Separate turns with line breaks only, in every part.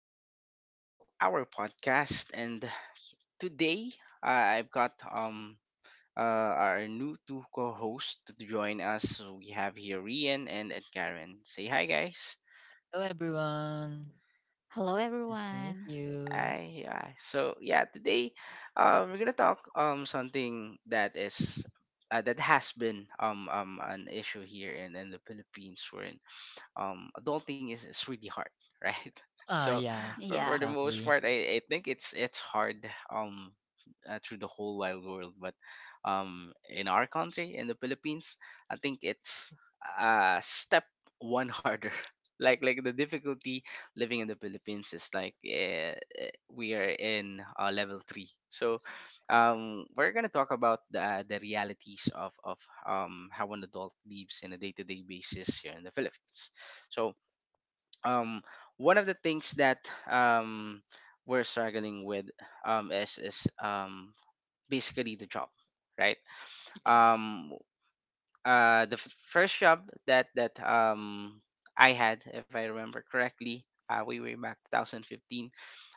Welcome again to our podcast. And today, I've got our new two co hosts to join us. So we have here Rian and Karen. Say hi, guys.
Hello everyone.
Hello,
Nice to meet
everyone.
you.
Hi, yeah. So, yeah, today we're going to talk something that is. That has been an issue here in the Philippines. Adulting is really hard, right?
Ah,
So
yeah,
for the
Yeah.
most
exactly.
part, I think it's hard um, through the whole wild world. But in our country, in the Philippines, I think it's a step one harder. Like the difficulty living in the Philippines is like we are in level three. So we're gonna talk about the realities of how an adult lives in a day to day basis here in the Philippines. So, um, one of the things that we're struggling with is basically the job, right?
Yes.
Um, the first job that I had, if I remember correctly, way back 2015.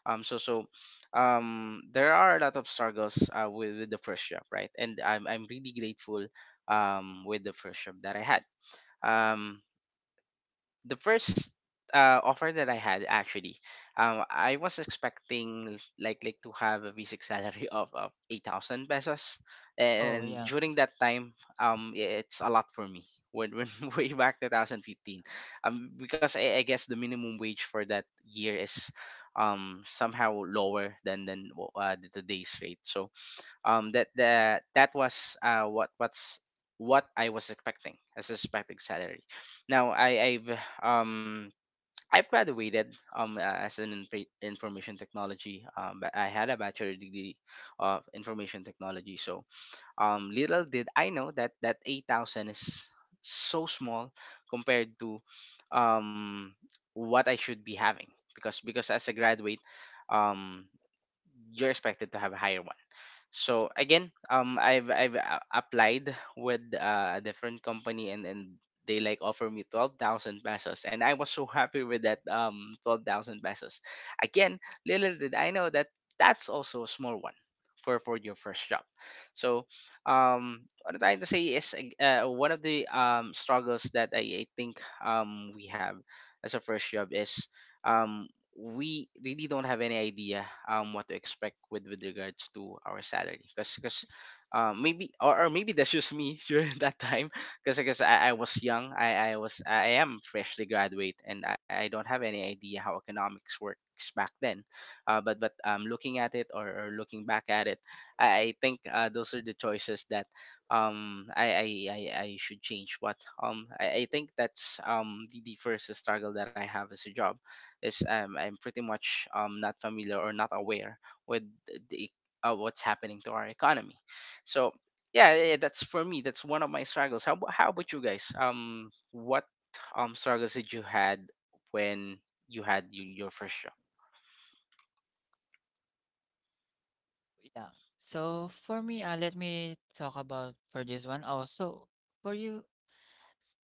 Um, so so there are a lot of struggles with the first job, right? And I'm really grateful with the first job that I had. Um, the first offer that I had actually, I was expecting like to have a basic salary of 8,000 pesos,
Oh,
and
yeah,
during that time, it's a lot for me when way back 2015, because I guess the minimum wage for that year is, somehow lower than the today's rate. So that that that was what what's what I was expecting as a expected salary. Now um I've graduated as an information technology but I had a bachelor degree of information technology so little did I know that that 8,000 is so small compared to um what I should be having because as a graduate um you're expected to have a higher. So again, I've applied with a different company and they like offer me 12,000 pesos, and I was so happy with that 12,000 pesos. Again, little did I know that that's also a small one for your first job. So what I'm trying to say is one of the struggles that I think we have as a first job is um we really don't have any idea what to expect with regards to our salary because maybe or maybe that's just me during that time because I was young I am freshly graduate and I don't have any idea how economics works back then, but looking at it or looking back at it, I think those are the choices that I should change, but I think that's the first struggle that I have as a job is, I'm pretty much not familiar or not aware with the what's happening to our economy. So yeah, yeah, yeah, that's for me. That's one of my struggles. How how about you guys? What struggles did you had when you had your first job?
yeah. So for me, let me talk about for this one. Also, for you, s-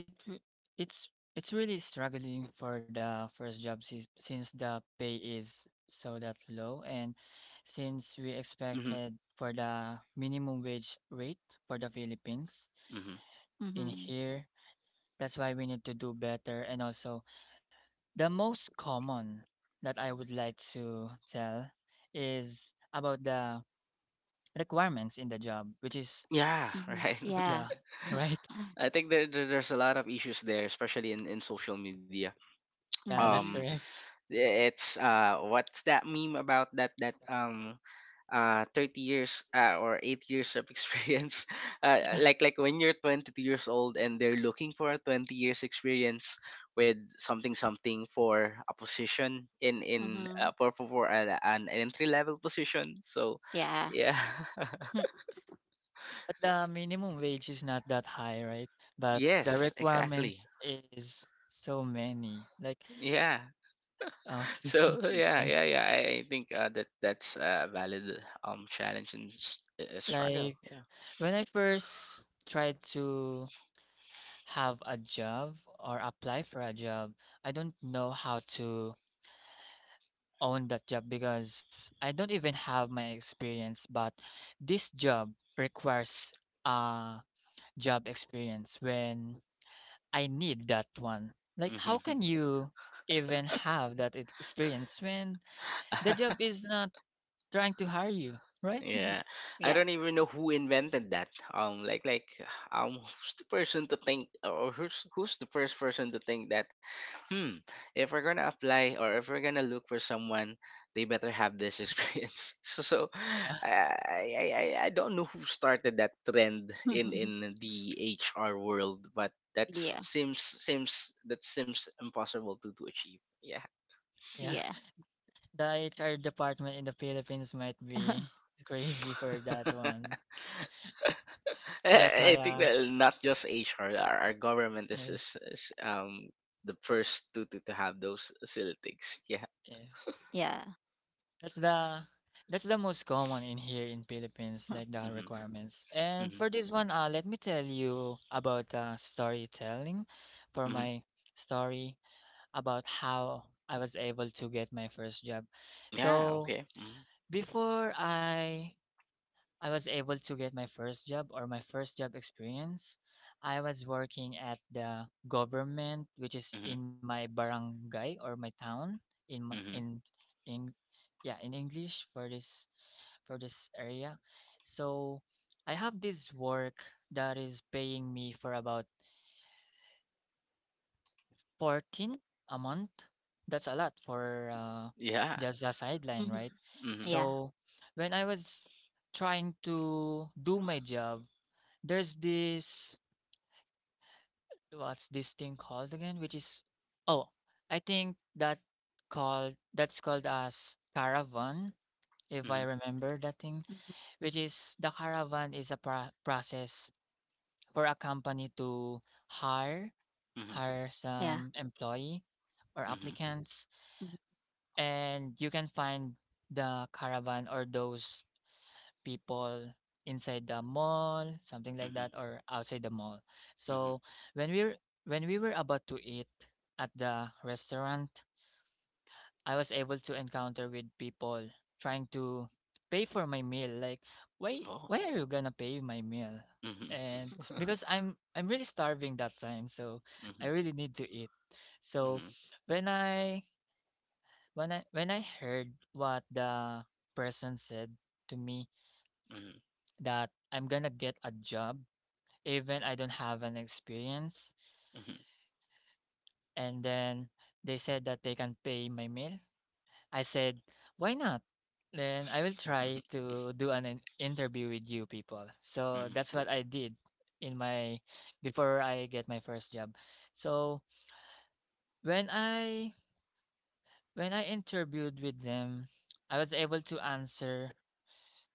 it w- it's really struggling for the first job si since the pay is so that low, and since we
Hmm.
expected for the minimum wage rate for the Philippines
Hmm.
in
Mhm.
here, that's why we need to do better, and also the most common that I would like to tell is about the requirements in the job, which is,
Yeah,
Mhm.
right.
Yeah.
yeah, right?
I think there's a lot of issues there, especially in social media.
Yeah,
Um,
that's
Mhm.
correct.
It's what's that meme about that 30 years or 8 years of experience,
Yeah.
like when you're 22 years old and they're looking for a 20 years experience with something for a position in in uh,
Mhm.
for for, for an entry level position. So
Yeah.
yeah.
But the minimum wage is not that high, right? But the
Yes, exactly,
requirements is so many. Like,
yeah.
uh,
So yeah,
yeah,
yeah, yeah, I think that that's a valid challenge and struggle.
like
Yeah.
when I first tried to have a job or apply for a job, I don't know how to own that job because I don't even have my experience, but this job requires uh job experience when I need that one. Like how
Mhm.
can you even have that experience when the job is not trying to hire you, right?
Yeah, I
Yeah.
don't even know who invented that. Um, like like who's the person to think, or who's the first person to think that, hmm, if we're gonna apply or if we're gonna look for someone, they better have this experience. So, so
Yeah.
I don't know who started that trend in the HR world, but that
Yeah.
seems impossible to achieve. Yeah.
Yeah.
Yeah.
The HR department in the Philippines might be crazy for that one. That's
I
why
think that not just HR, our government is,
Yes,
is, is um the first to have those silly things. Yeah.
yes.
Yeah.
That's the that's the most common in here in Philippines, like the
Mhm.
requirements. And
Mhm.
for this one, let me tell you about storytelling for
Mhm.
my story about how I was able to get my first job.
Yeah.
So
Okay. Mhm.
before I was able to get my first job or my first job experience, I was working at the government, which is
Mhm.
in my barangay or my town in m-
Mhm.
in in yeah in english for this or this area. So I have this work that is paying me for about 14 a month. That's a lot for
Yeah.
just a sideline,
Mhm.
right?
Mhm.
Yeah.
So when I was trying to do my job, there's this what's this thing called again which is oh I think that's called as caravan if I
Mhm.
remember that thing,
Mhm.
which is the caravan is a process for a company to hire
Mhm.
hire
Yeah.
some employee or
Mhm.
applicants,
Mhm.
and you can find the caravan or those people inside the mall something like
Mhm.
that or outside the mall.
Mhm.
So when we were when we were about to eat at the restaurant, I was able to encounter with people trying to pay for my meal. Like,
Oh.
why are you gonna pay my meal?
Mhm.
And because I'm really starving that time, so
Mhm.
I really need to eat.
Mhm.
So when I when I heard what the person said to me
Mhm.
that I'm gonna get a job even I don't have an experience,
Mhm.
and then they said that they can pay my meal, I said, "Why not? Then I will try to do an interview with you people." So
Mhm.
that's what I did in my before I get my first job. So when I when I interviewed with them, I was able to answer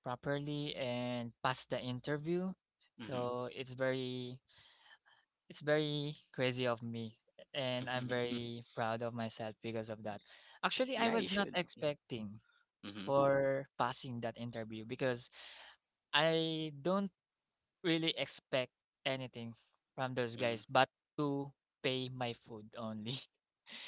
properly and pass the interview.
Mhm. Mhm.
So it's very crazy of me and I'm very proud of myself because of that. Actually,
Yeah,
I
you
was
should.
not expecting
Mhm.
for passing that interview because I don't really expect anything from those
Mhm.
guys but to pay my food only.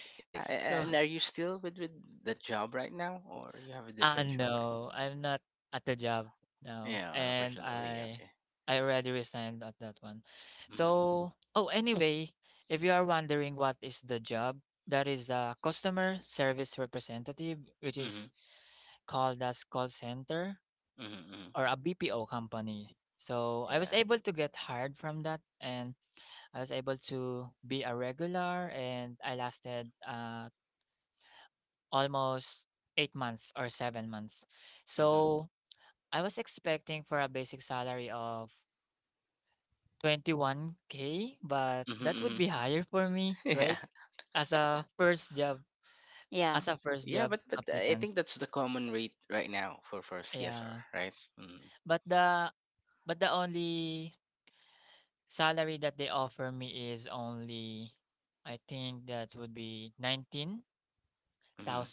Yeah. a- a-
So
And are you still with the job right now, or you have a different job, right?
no, I'm not at the job now
Yeah,
and
unfortunately. Okay.
I already resigned at that one.
Mhm.
So oh anyway, if you are wondering what is the job, that is a customer service representative, which is
Mhm.
called as call center,
Mhm. Mhm.
or a BPO company. So I was
Yeah.
able to get hired from that and I was able to be a regular and I lasted almost 8 months or 7 months.
Mhm.
So I was expecting for a basic salary of 21K, but
Mhm.
that would
Mhm.
be higher for me,
Yeah.
right? As a first job,
Yeah.
as a first
Yeah,
job
but I
applicant.
think that's the common rate right now for CSR,
Yeah.
right? Mhm.
But the but the only salary that they offer me is only I think that would be 19,000,
Mhm.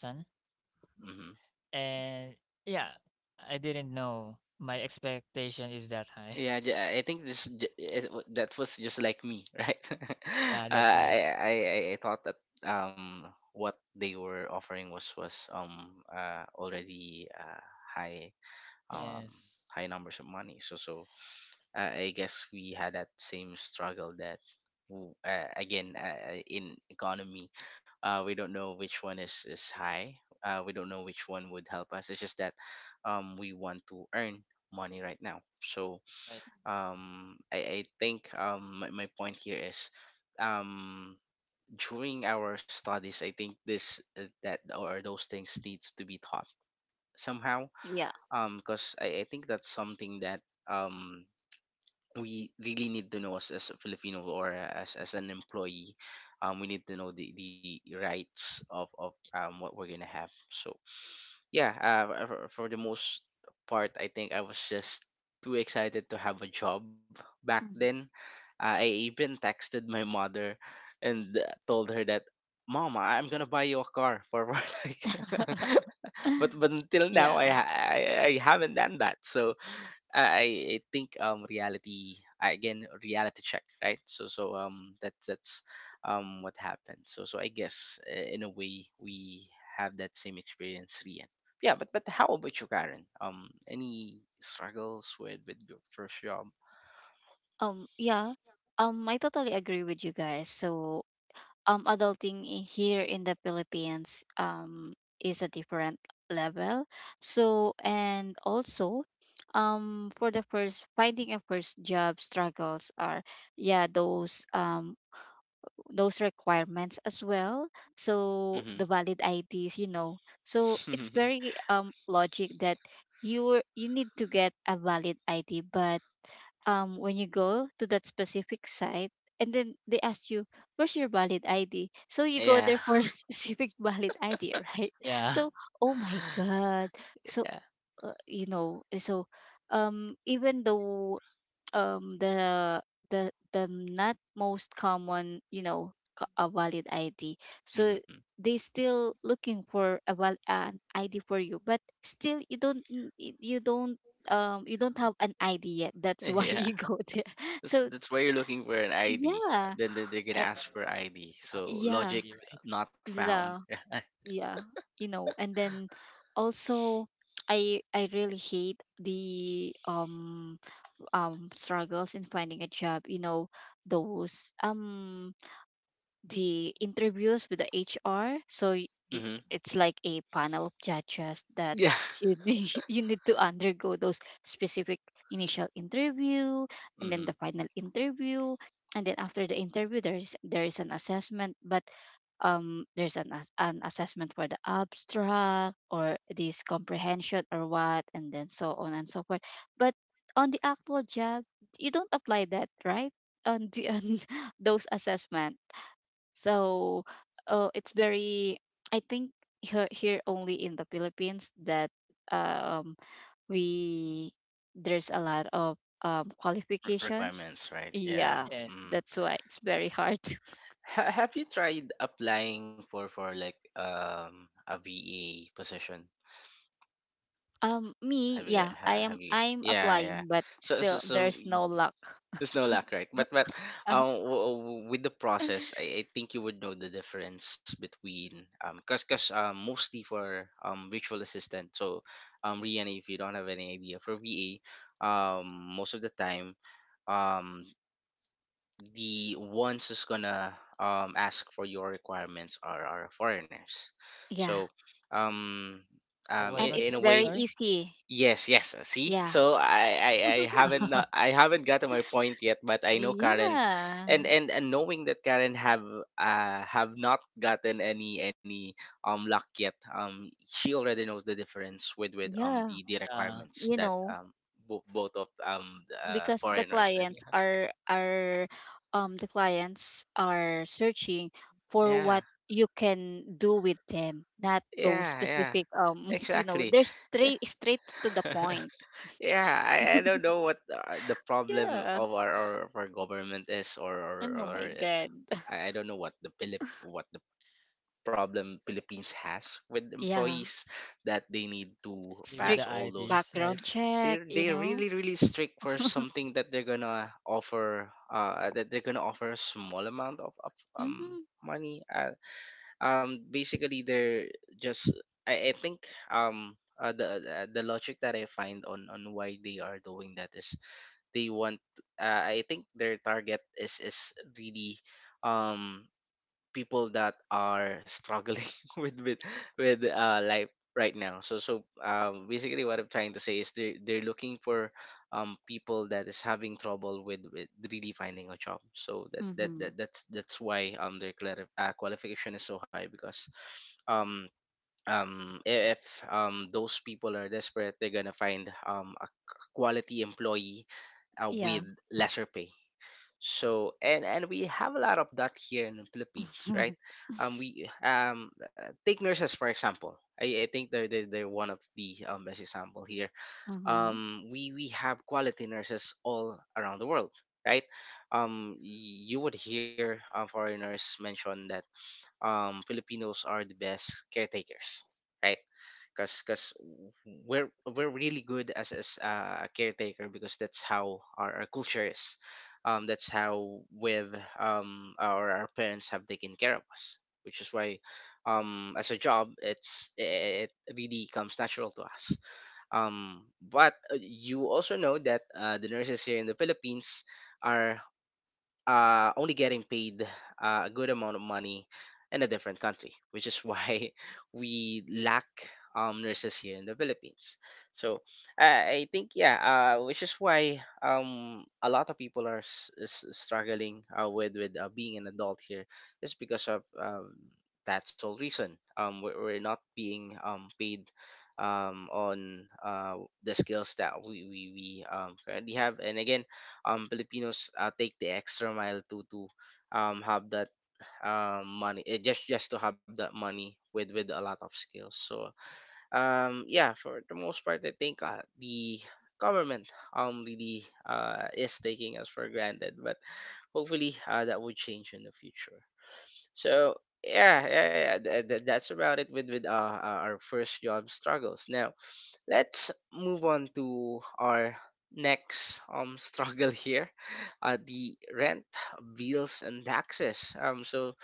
Mhm.
and yeah, I didn't know my expectation is that high.
Yeah, I think this j- it w- that was just like me, right?
Yeah, that's
uh,
right.
I I I I thought that what they were offering was already high um
Yes.
high numbers of money. So so I guess we had that same struggle that w-
Yeah,
again in economy we don't know which one is high, we don't know which one would help us. It's just that we want to earn money right now. So
that's right.
I think my point here is, um, during our studies I think this that or those things needs to be taught somehow.
Yeah.
Because I think that's something that we really need to know as a Filipino or as an employee. We need to know the rights of what we're gonna
S-
have. So yeah, for the most part, I think I was just too excited to have a job back
Mhm.
then. I even texted my mother and told her that, "Mom, I'm gonna buy you a car for," for like but until now I
Yeah.
ha- I, I haven't done that. So I think reality again reality check, right. So so that's what happened. So so I guess in a way we have that same experience, Rian. Yeah, but how about you, Karen? Any struggles with your first job?
Yeah. I totally agree with you guys. So, adulting here in the Philippines, is a different level. So, and also, for the first finding a first job struggles are, yeah, those requirements as well. So
Mm-hmm.
the valid IDs, you know. So it's very logic that you you need to get a valid ID. But when you go to that specific site and then they ask you, where's your valid id? So you go
Yeah.
there for a specific valid id, right?
Yeah.
So, oh my god. So
Yeah.
you know, so even though um the the not most common, you know, a valid id, so
Mm-hmm.
they still looking for a an id for you, but still you don't have an id yet. That's why
Yeah.
you go there. So,
That's why you're looking for an ID.
yeah.
Then they're gonna
You
uh,
trying
ask for ID.
to have an
So
yeah.
logic
ID, right?
not found.
the, yeah, and then also, I really hate the struggles in finding a job, you know, those the interviews with the HR. So y-
Mm-hmm.
it's like a panel of judges that
Yeah.
you you need to undergo those specific initial interview, and then the
Mm-hmm.
final interview, and then after the interview there is an assessment. But there's an assessment for the abstract or this comprehension or what, and then so on and so forth. But on the actual job you don't apply that, right? On the on those assessment. So, it's very, I think here, only in the Philippines that um, we there's a lot of
Re-
qualifications.
requirements, right? Yeah.
Yeah,
Yes.
Mm.
that's why it's very hard.
Have you tried applying for like a VA position?
Me?
Have you get?
Yeah,
Have you?
I'm
Yeah, yeah.
applying, but
So so
still
so
there's no luck.
there's no luck, right? But with the process, I think you would know the difference between cause cause mostly for virtual assistant. So Rihanna, if you don't have any idea for VA, most of the time, um, the ones who's gonna ask for your requirements are foreigners.
Yeah,
So um
Oh,
um
what
and
was
in, in
it's
that?
a
very
way.
Sorry.
easy.
Yes, yes. See,
Yeah.
so I haven't, I haven't gotten my point yet, but I know Karen,
Yeah.
and knowing that Karen have not gotten any luck yet. She already knows the difference with um
Yeah.
the the
Yeah,
requirements
You
that
know,
both of the,
because the
foreigners and
clients are are um the clients are searching for
yeah,
what you can do with them, not those
yeah, yeah,
specific
exactly.
they're straight to the point.
yeah, I don't know what the problem
Yeah.
of our government is, or, or
And, oh
or
my god.
I, I don't know what the problem Philippines has with
Yeah.
employees, that they need to
especially with
Strict
pass
the
all those.
IDs,
background
right?
check,
They're
you
they're
know.
really really strict for something that they're gonna offer that they're gonna offer a small amount of
Mm-hmm.
money. Basically they're just, I think the logic that I find on why they are doing that is, they want, I think their target is really um people that are struggling with life right now. So basically what I'm trying to say is they're looking for people that is having trouble with really finding a job. So that
Mm-hmm.
that's why their qualification is so high, because um if those people are desperate, they're gonna find a quality employee
Yeah.
with lesser pay. And we have a lot of that here in the Philippines, right? We take nurses for example. I think they're one of the best example here.
Mm-hmm.
Um, we have quality nurses all around the world, right? You would hear foreigners mention that Filipinos are the best caretakers, right? Because we're really good as a caretaker, because that's how our culture is. That's how our parents have taken care of us, which is why as a job, it really comes natural to us. Um, but you also know that the nurses here in the Philippines are only getting paid a good amount of money in a different country, which is why we lack nurses here in the Philippines. So I think, yeah, which is why a lot of people are struggling with being an adult here, is because of that sole reason. We're not being paid on the skills that we currently have. And again, um, Filipinos take the extra mile to have that money, just to have that money with a lot of skills. So um, yeah, for the most part, I think the government really is taking us for granted, but hopefully that would change in the future. So yeah, yeah, yeah. That's about it with our first job struggles. Now let's move on to our next struggle here: the rent, bills, and taxes. um so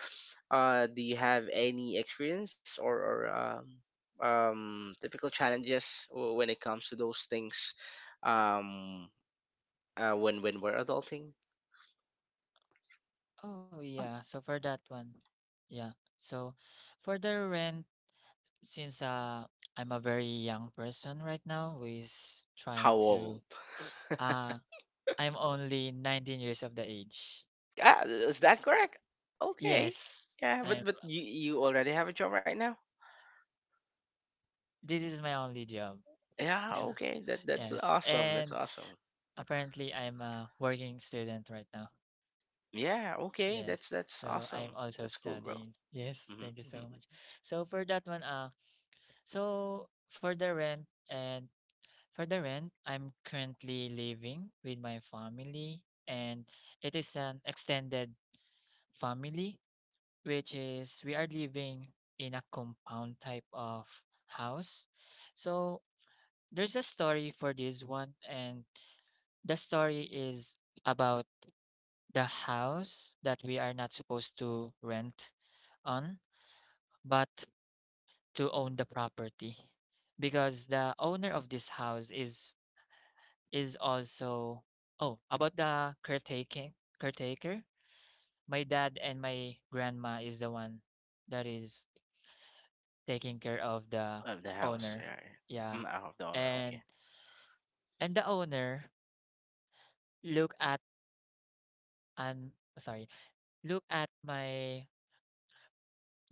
uh do you have any experience or typical challenges when it comes to those things, um, when we're adulting?
Oh,
um,
yeah. So for that one, yeah. So for the rent, since I'm a very young person right now who is
How
trying to
old?
uh I'm only 19 years of the age.
Ah, is that correct? Okay.
Yes,
Yeah, but
I'm
you already have a job right now.
this is my only job.
Yeah, okay, that's
Yes.
awesome, that's
And
awesome.
apparently I'm a working student right now.
Yeah, okay. That's
Yes.
that's
So I'm
awesome.
also
That's cool, bro.
studying. Yes, thank you
Mm-hmm.
so much. So for that one, so for the rent, and for the rent, I'm currently living with my family, and it is an extended family, which is we are living in a compound type of house. So there's a story for this one, and the story is about the house that we are not supposed to rent on, but to own the property because the owner of this house is also oh about the caretaking caretaker. My dad and my grandma is the one that is taking care of the
Of the house,
owner.
yeah, yeah.
Yeah.
Mm, out of the owner,
And
okay.
and the owner look at and sorry, look at my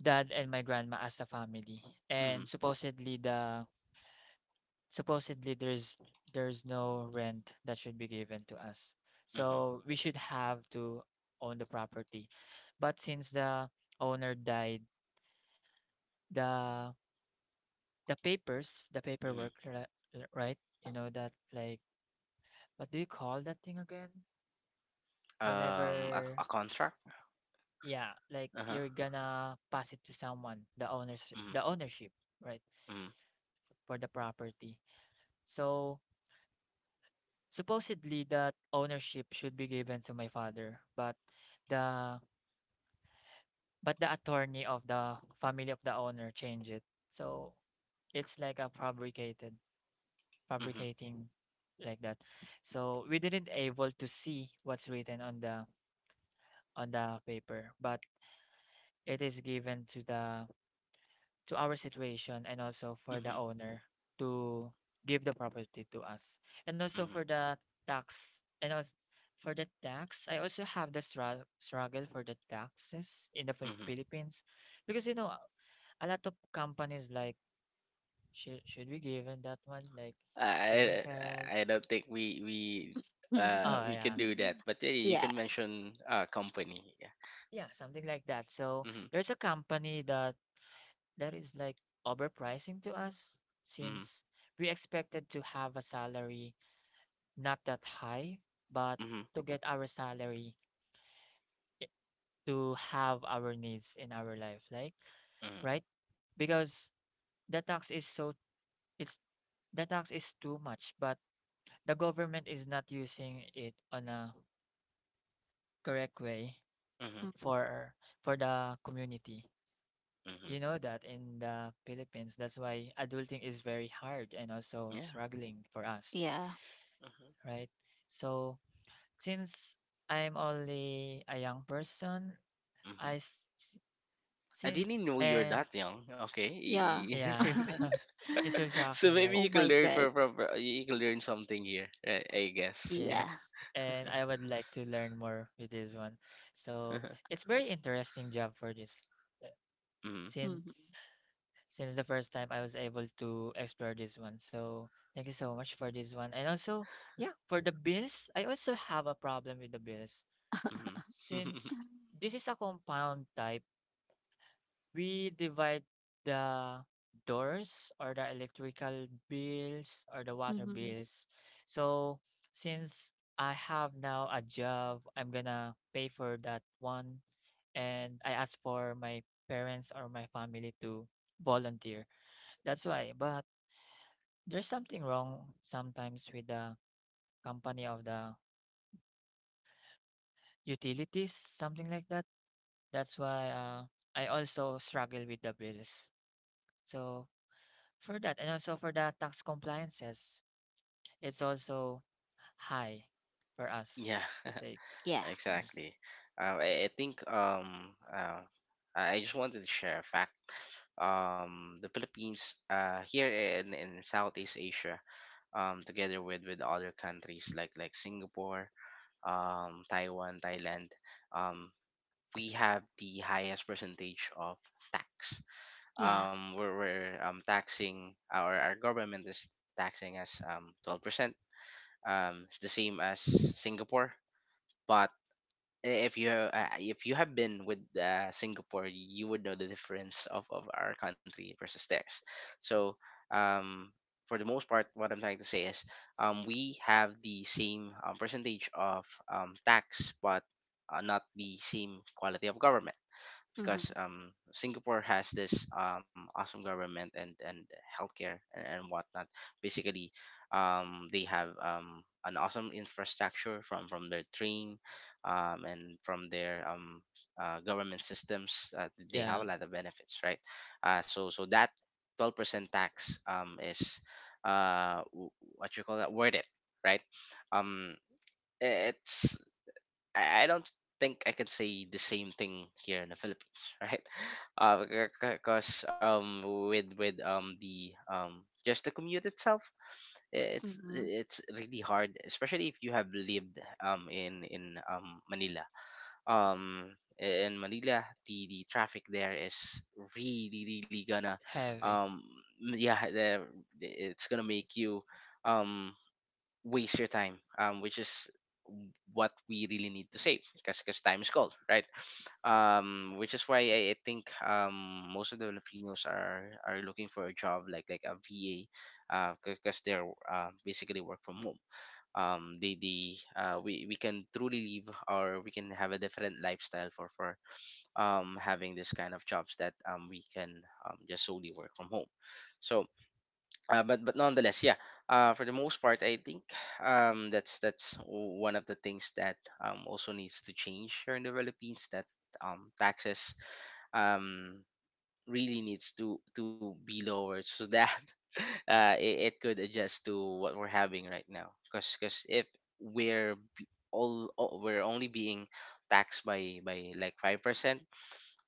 dad and my grandma as a family. And
Mm-hmm.
supposedly there's no rent that should be given to us.
Mm-hmm.
So we should have to own the property. But since the owner died, the the papers, the
Mm-hmm.
paperwork, right? You know that like what do you call that thing again? Whenever
A contract.
yeah, like
Uh huh.
you're gonna pass it to someone, the
Mm-hmm.
owners the ownership, right,
Mm-hmm.
for the property. So supposedly that ownership should be given to my father, the but the attorney of the family of the owner changed it. So it's like a fabricated
Mm-hmm.
fabricating like that. So we didn't able to see what's written on the paper, but it is given to the to our situation and also for the
Mm-hmm.
owner to give the property to us. And also
Mm-hmm.
for the tax, and also for the tax, I also have the struggle for the taxes in the
Mm-hmm.
Philippines because you know a lot of companies like should we given that one like
I
PhilHealth?
I I don't think we we uh
Oh
we can
yeah,
do that, but yeah, you
yeah.
can mention company. Yeah.
yeah, something like that. So
Mm-hmm.
there's a company that that is like overpricing to us
Mm-hmm.
since we expected to have a salary not that high, but
Mm-hmm.
to get our salary i- to have our needs in our life, like
Mm-hmm.
right? Because the tax is so it's the tax is too much, but the government is not using it on a correct way
Mm-hmm.
Mhm.
for for the community.
Mm-hmm.
You know that in the Philippines, that's why adulting is very hard and also
Yeah.
struggling for us,
Yeah.
Mm-hmm.
right? So since I'm only a young person,
Mm-hmm.
I s s
I
seen
didn't know you're
and
that young.
Yeah.
yeah,
Okay.
it's so
So
shocking,
maybe
right?
Oh
you can
my
learn
god.
you can learn something here, right? I guess. Yeah.
Yeah.
Yes. And I would like to learn more with this one. So it's very interesting job for this. uh,
Mm-hmm.
Since
Mm-hmm.
since the first time I was able to explore this one. So thank you so much for this one. And also, yeah, for the bills, I also have a problem with the bills.
Hmm.
Since this is a compound type, we divide the doors, or the electrical bills, or the water
Mm-hmm.
bills. So since I have now a job, I'm gonna pay for that one, and I ask for my parents or my family to volunteer. That's why. But there's something wrong sometimes with the company of the utilities, something like that. That's why I also struggle with the bills. So for that, and also for the tax compliances, it's also high for us
Yeah.
to take.
Yeah.
Yes.
Exactly. Um, I think I just wanted to share a fact. Um, the Philippines, here in Southeast Asia, um, together with other countries like Singapore, um, Taiwan, Thailand, um, we have the highest percentage of tax.
Yeah.
Um, we're taxing, our government is taxing us 12%. Um, it's the same as Singapore, but if you have been with Singapore, you would know the difference of our country versus theirs. So um, for the most part, what I'm trying to say is um, we have the same percentage of tax, but not the same quality of government,
Mm-hmm.
because Singapore has this awesome government, and healthcare, and whatnot. Basically, they have an awesome infrastructure from their train, and from their government systems. They have
Yeah.
a lot of benefits, right? So so that 12% tax is uh w- what you call that, worth it, right? Um it's I don't think I can say the same thing here in the Philippines, right? Uh, because with the just the commute itself,
Mm-hmm.
it's really hard, especially if you have lived in Manila.
Yes.
Um, in Manila, the traffic there is really really gonna
Heavy.
um, yeah, it's gonna make you um waste your time, um, which is what we really need to save, because time is gold, right? Um, which is why I think most of the Filipinos are looking for a job like a VA, uh, because they're basically work from home. Um, we can truly live, or we can have a different lifestyle for having this kind of jobs that we can just solely work from home. So but nonetheless, yeah. For the most part, I think that's one of the things that also needs to change here in the Philippines. That taxes um, really needs to be lowered so that it could adjust to what we're having right now. Because if we're b- all we're only being taxed by like 5%,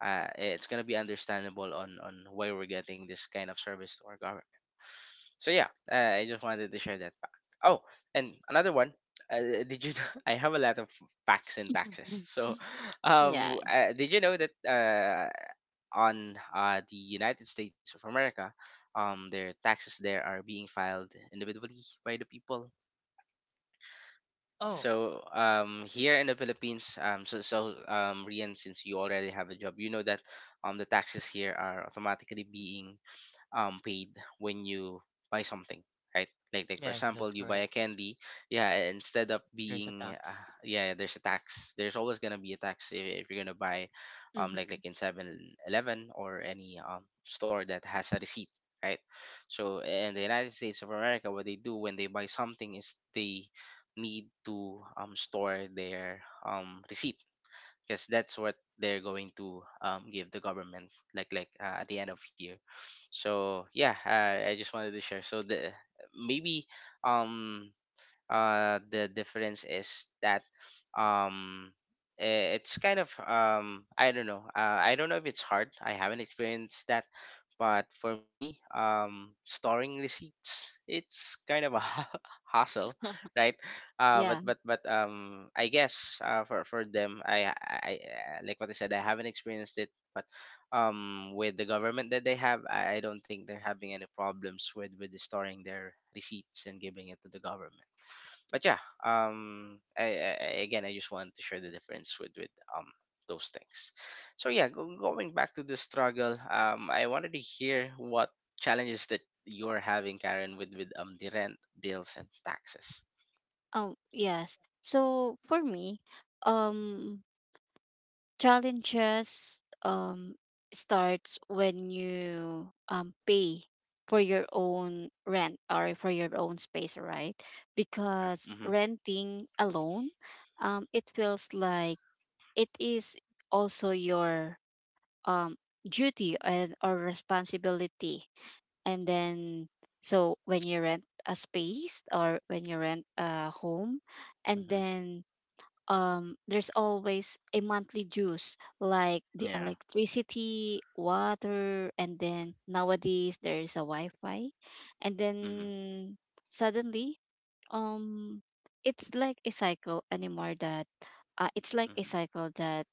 it's gonna be understandable on why we're getting this kind of service to our government. So yeah, I just wanted to share that fact. Oh, and another one. Did you know? I have a lot of facts and taxes.
Mm-hmm.
So,
Yeah.
did you know that on the United States of America, their taxes there are being filed individually by the people.
Oh,
So um, here in the Philippines, Rian, since you already have a job, you know that the taxes here are automatically being paid when you buy something, right? Like for
yes,
example,
that's
you buy a
correct.
candy. Yeah, instead of
There's a
being
tax.
yeah, there's a tax, there's always gonna be a tax if you're gonna buy
Mm-hmm.
like in 7-Eleven or any store that has a receipt, right? So in the United States of America, what they do when they buy something is they need to store their receipt, because that's what they're going to um give the government, like at the end of year. So yeah, I just wanted to share. So maybe um the difference is that um it's kind of um, I don't know, I don't know if it's hard, I haven't experienced that. But for me, um, storing receipts, it's kind of a hassle, right?
Yeah.
But I guess for them I- like what I said, I haven't experienced it, but with the government that they have, I don't think they're having any problems with storing their receipts and giving it to the government. But yeah, I- again, I just wanted to share the difference with um those things. So yeah, going back to the struggle. Um, I wanted to hear what challenges that you're having, Karen, with the rent, bills, and taxes.
Oh, yes. So for me, um, challenges starts when you pay for your own rent or for your own space, right?
Yeah.
Because
Mm-hmm.
renting alone, it feels like it is also your um duty and or responsibility. And then, so when you rent a space or when you rent a home, and
Mm-hmm.
then there's always a monthly dues, like the
Yeah.
electricity, water, and then nowadays there is a wi-fi. And
Mm-hmm.
then suddenly, um it's like a cycle anymore that, it's like a
Mm-hmm.
cycle that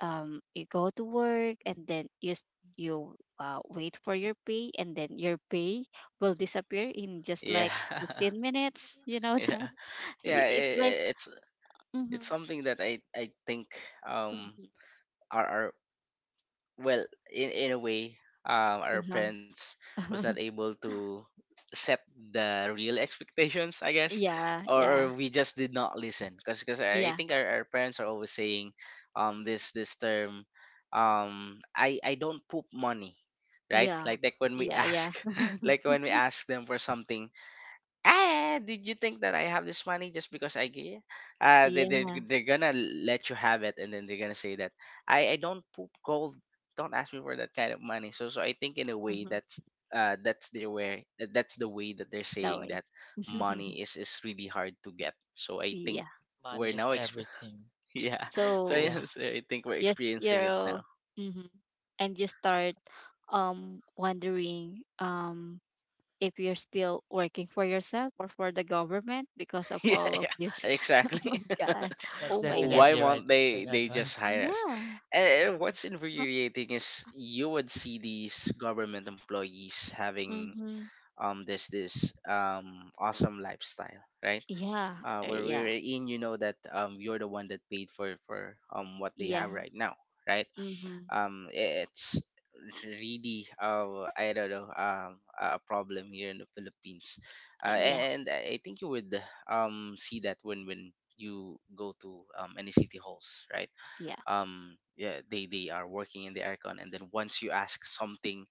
you go to work and then you you, wait for your pay, and then your pay will disappear in just
Yeah.
like 15 minutes, you know
Yeah.
that.
Yeah.
Yeah.
It's like.
It's
Mm-hmm.
it's something that I think um
Mm-hmm.
our, well, in a way, um, our
Uh-huh.
parents was not able to set the real expectations, I guess.
Yeah,
Or or
yeah,
we just did not listen, because I
yeah,
think our parents are always saying this this term, um, I don't poop money, right?
yeah,
Like when we
yeah,
ask,
yeah,
like when we ask them for something, ah, did you think that I have this money just because I gave?
yeah.
They're gonna let you have it, and then they're gonna say that I don't poop gold. Don't ask me for that kind of money. So, so I think in a way
Mm-hmm,
that's their way. That's the way that they're
that
saying
way.
that money is really hard to get. So I think
Yeah.
we're
Money is
now exp-
everything.
yeah. So
So
Yeah.
so I think we're
just
experiencing it now.
you're. Mm-hmm. And you start wondering if you're still working for yourself or for the government because of
Yeah,
all of
yeah,
this. Oh
exactly.
my god.
That's
Oh my god.
Why
definitely right
won't
for
they
that
they
one.
just hire us?
Yeah.
And what's infuriating is you would see these government employees having
Mhm.
um, there's this awesome lifestyle, right?
Yeah.
Uh, where we're
Yeah.
in, you know that you're the one that paid for what they
Yeah.
have right now, right?
Mhm.
Um, it's really I don't know, um, a problem here in the Philippines.
Yeah.
And I think you would see that when you go to um any city halls, right?
Yeah.
Um, yeah, they are working in the aircon, and then once you ask something,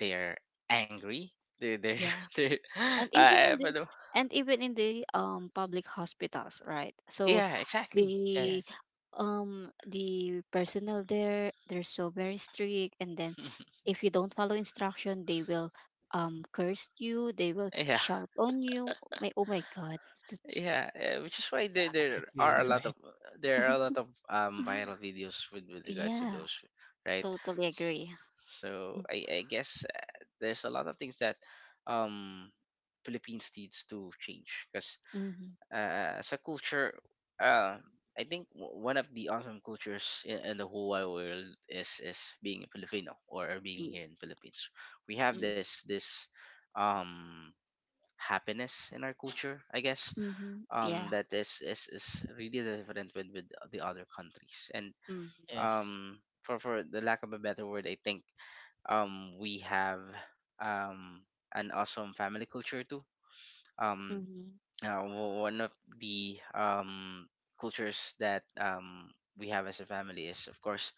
they're angry. They're
Yeah.
they're
and even
uh,
in the
but, uh,
and even in the public hospitals, right? So
yeah, exactly. Yeah,
the
Yes.
the personnel there, they're so very strict, and then if you don't follow instruction, they will curse you, they will
yeah,
shout on you, my, oh my god. that's-
yeah. Uh, which is why
The attitude, right?
there are a lot of viral videos with regards to
yeah,
those, right?
totally agree.
So I guess there's a lot of things that um Philippines needs to change because
Mm-hmm.
as a culture, uh, I think one of the awesome cultures in the whole wide world is being a Filipino or being here in Philippines. We have this um happiness in our culture, I guess.
Mm-hmm. Yeah.
That is really different with the other countries, and
Mm-hmm.
Yes.
for the lack of a better word, I think we have um an awesome family culture too. Um,
Mm-hmm.
One of the cultures that we have as a family is, of course,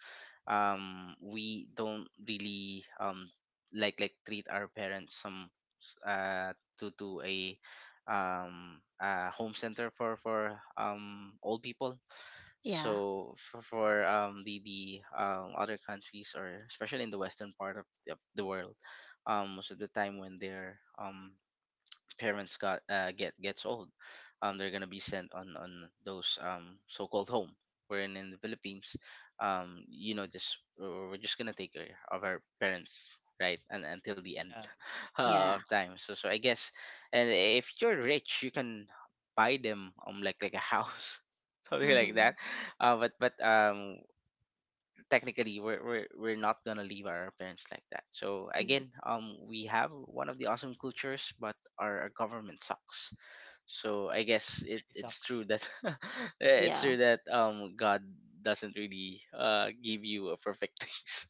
we don't really like treat our parents some uh, to a home center for old people.
Yeah,
So for the other countries, or especially in the western part of the world, most of the time when they're parents got get gets old, they're gonna be sent on those so-called home. Wherein in the Philippines, just we're just gonna take care of our parents, right, and until the end
Yeah.
yeah.
of time. So I guess, and if you're rich, you can buy them like a house, something like
Mm-hmm.
that. But technically we're not gonna leave our parents like that. So
Mm-hmm.
again we have one of the awesome cultures, but our government sucks. So I guess
Money
it's
sucks
true that it's
Yeah,
true that god doesn't really give you a perfect things.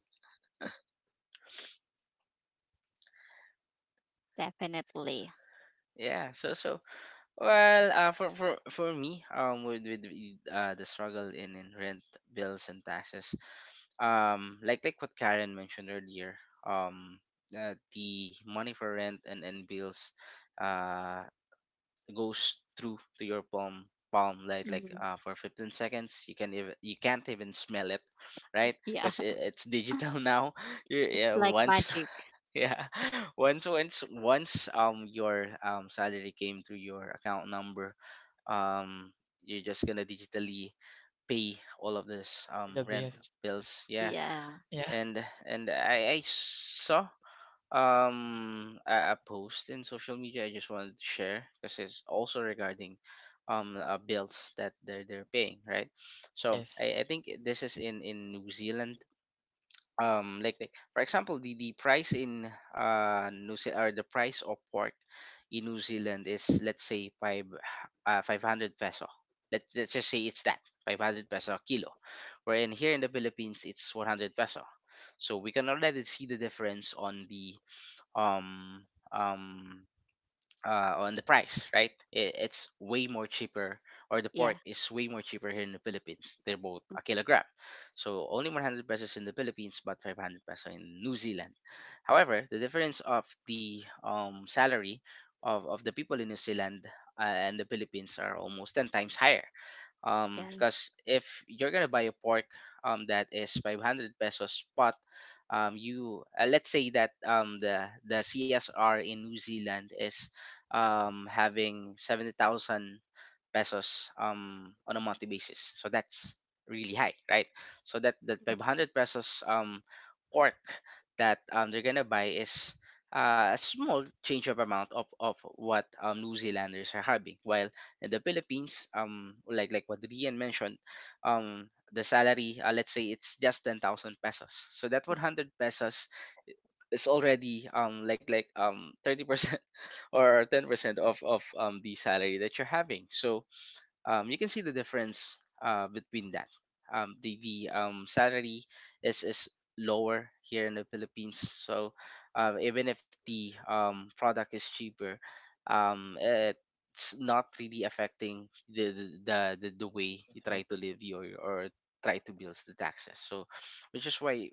definitely.
Yeah. So, well, for me, the struggle in rent, bills, and taxes, like what Karen mentioned earlier, the money for rent and bills, uh, goes through to your palm
Mhm.
for 15 seconds. You can even, you can't even smell it, right?
Yeah.
Because it's digital now.
It's
Yeah,
like
once
magic.
yeah, once your salary came through your account number, um you're just gonna digitally pay all of this
for the
rent,
bills.
bills. Yeah.
Yeah,
Yeah.
And I saw a post in social media. I just wanted to share because it's also regarding bills that they're paying, right? So
Yes.
I think this is in New Zealand. Like for example, the price in new Ze- or the price of pork in New Zealand is, let's say, five 500 peso. Let's just say it's that — 500 peso a kilo. Wherein here in the Philippines it's 100 peso. So we can already see the difference um um on the price, right? It's way more cheaper, or the
yeah,
pork is way more cheaper here in the Philippines. They're both a kilogram. So only 100 pesos in the Philippines but 500 peso in New Zealand. However, the difference of the salary of the people in New Zealand and the Philippines are almost 10 times higher.
yeah.
Because if you're gonna buy a pork that is 500 pesos, but you let's say that the CSR in New Zealand is having 70,000 pesos on a monthly basis. So that's really high, right? So that
Mhm.
500 pesos pork that they're gonna buy is a small change of amount of what New Zealanders are having, while in the Philippines, like what Rian mentioned, the salary, let's say it's just 10,000 pesos. So that 100 pesos is already like 30% or 10% of the salary that you're having. So you can see the difference between that. The salary is lower here in the Philippines, so even if the product is cheaper, it's not really affecting the way you
That's
try
right.
to live your, or try to build the taxes. So, which is why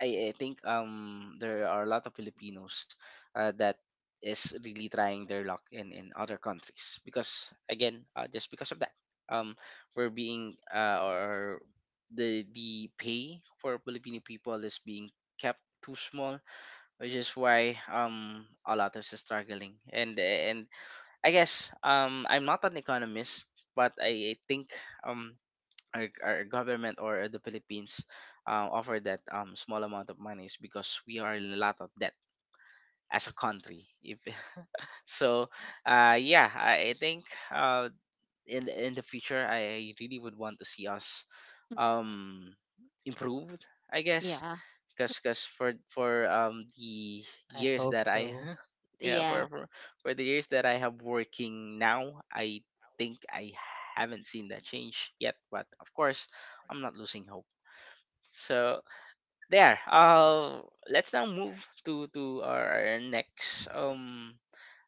I think there are a lot of Filipinos that is really trying their luck in other countries. Because again just because of that um we're being or the pay for Filipino people is being kept too small. Which is why a lot of us are struggling. And I guess I'm not an economist, but I think um our government or the Philippines offer that small amount of money is because we are in a lot of debt as a country. If, so, yeah, I think uh, in the future, I really would want to see us
Mhm.
um, improved. I guess.
Yeah,
Because for the
I
years
hope
that I
so.
yeah,
yeah.
for the years that I have working now, I think I haven't seen that change yet. But of course, I'm not losing hope. So there. Let's now move to our next um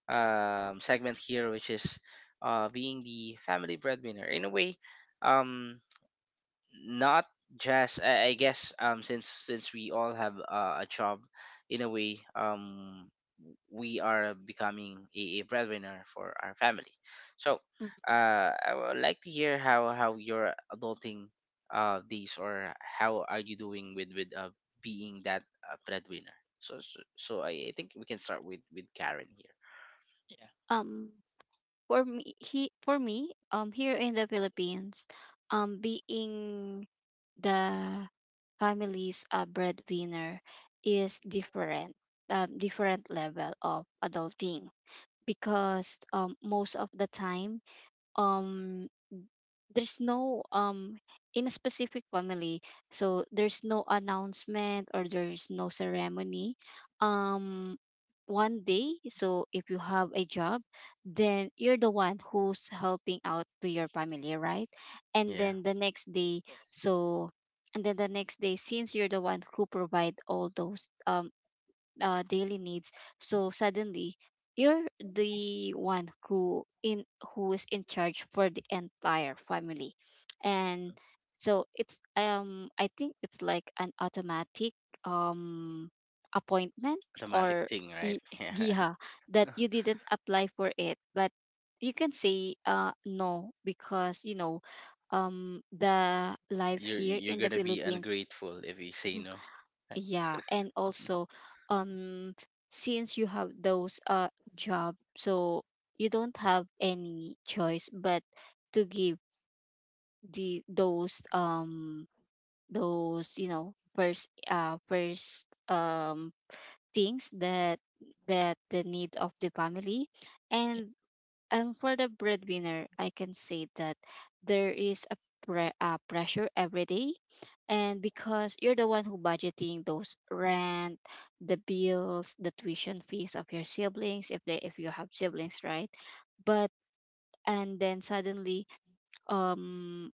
um segment here, which is being the family breadwinner. In a way, um not just I guess since we all have a job, in a way we are becoming a breadwinner for our family. So
Mhm.
I would like to hear how you're adulting these or how are you doing with, being that breadwinner. So I think we can start with Karen here.
Yeah.
Um, for me, here in the Philippines, being the family's breadwinner is different, different level of adulting. Because most of the time, um there's no, in a specific family, so there's no announcement or there's no ceremony um one day. So if you have a job, then you're the one who's helping out to your family, right? And
Yeah,
then the next day,
Yes.
so, and then the next day, since you're the one who provide all those daily needs. So suddenly, you're the one who is in charge for the entire family, and so it's I think it's like an automatic um appointment,
automatic
or
thing, right?
y-
Yeah.
yeah, that you didn't apply for it, but you can say, no, because you know the life
you're
here
you're
in the
gonna be
Philippines.
ungrateful if you say no, right?
Yeah, and also, um, since you have those job, so you don't have any choice but to give the those you know first first things that the need of the family, and and for the breadwinner, I can say that there is a pressure every day, and because you're the one who budgeting those rent, the bills, the tuition fees of your siblings, if you have siblings, right? But and then suddenly, um,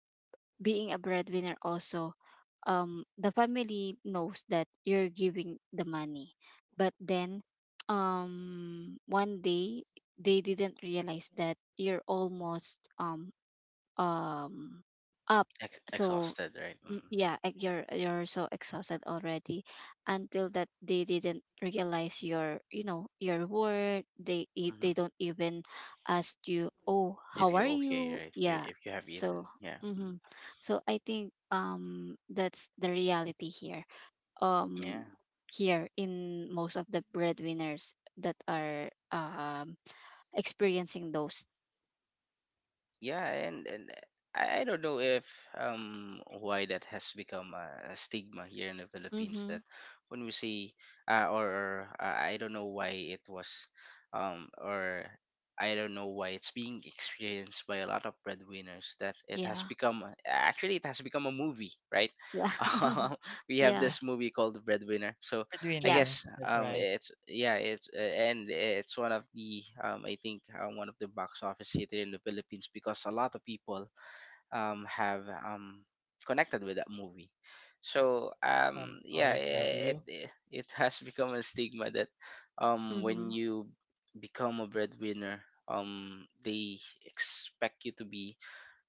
being a breadwinner also, the family knows that you're giving the money, but then one day they didn't realize that you're almost um up. So,
Exhausted, right?
mm,
Mm.
yeah, like you're so exhausted already, until that they didn't realize your you know your word. They
Hmm.
they don't even ask you, oh,
If
how
you're
are
okay,
you?
right? If,
Yeah.
if you have
So.
eaten, yeah, mm.
Mm-hmm. So I think that's the reality here, um
Yeah,
here in most of the breadwinners that are experiencing those.
yeah. And I don't know if, why that has become a stigma here in the Philippines,
Mm-hmm.
that when we see, or I don't know why it was, or I don't know why it's being experienced by a lot of breadwinners, that it has
Yeah.
become — actually it has become a movie, right?
Yeah.
Um, we have
Yeah.
this
Yeah.
movie called The Breadwinner, so I
Yeah.
Breadwinner.
guess
That's right.
it's yeah, it's one of the I think one of the box office hit in the Philippines, because a lot of people have connected with that movie. So
Some
yeah, it
OFW
it, it has become a stigma that when
Mhm.
you become a breadwinner, they expect you to be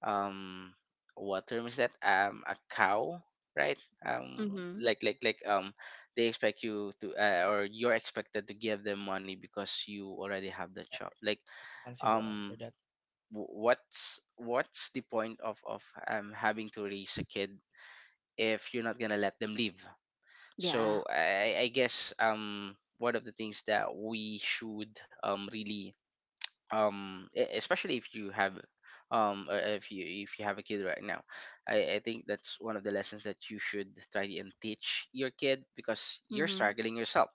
um what term is that? A cow, right? um
Mhm.
like like like um they expect you to or you're expected to give them money because you already have the
are
job, like,
responsible
um
for that.
what's the point of having to raise a kid if you're not gonna let them live?
Yeah.
I guess one of the things that we should really, especially if you have a kid right now, I think that's one of the lessons that you should try and teach your kid. Because you're
Mhm.
struggling yourself,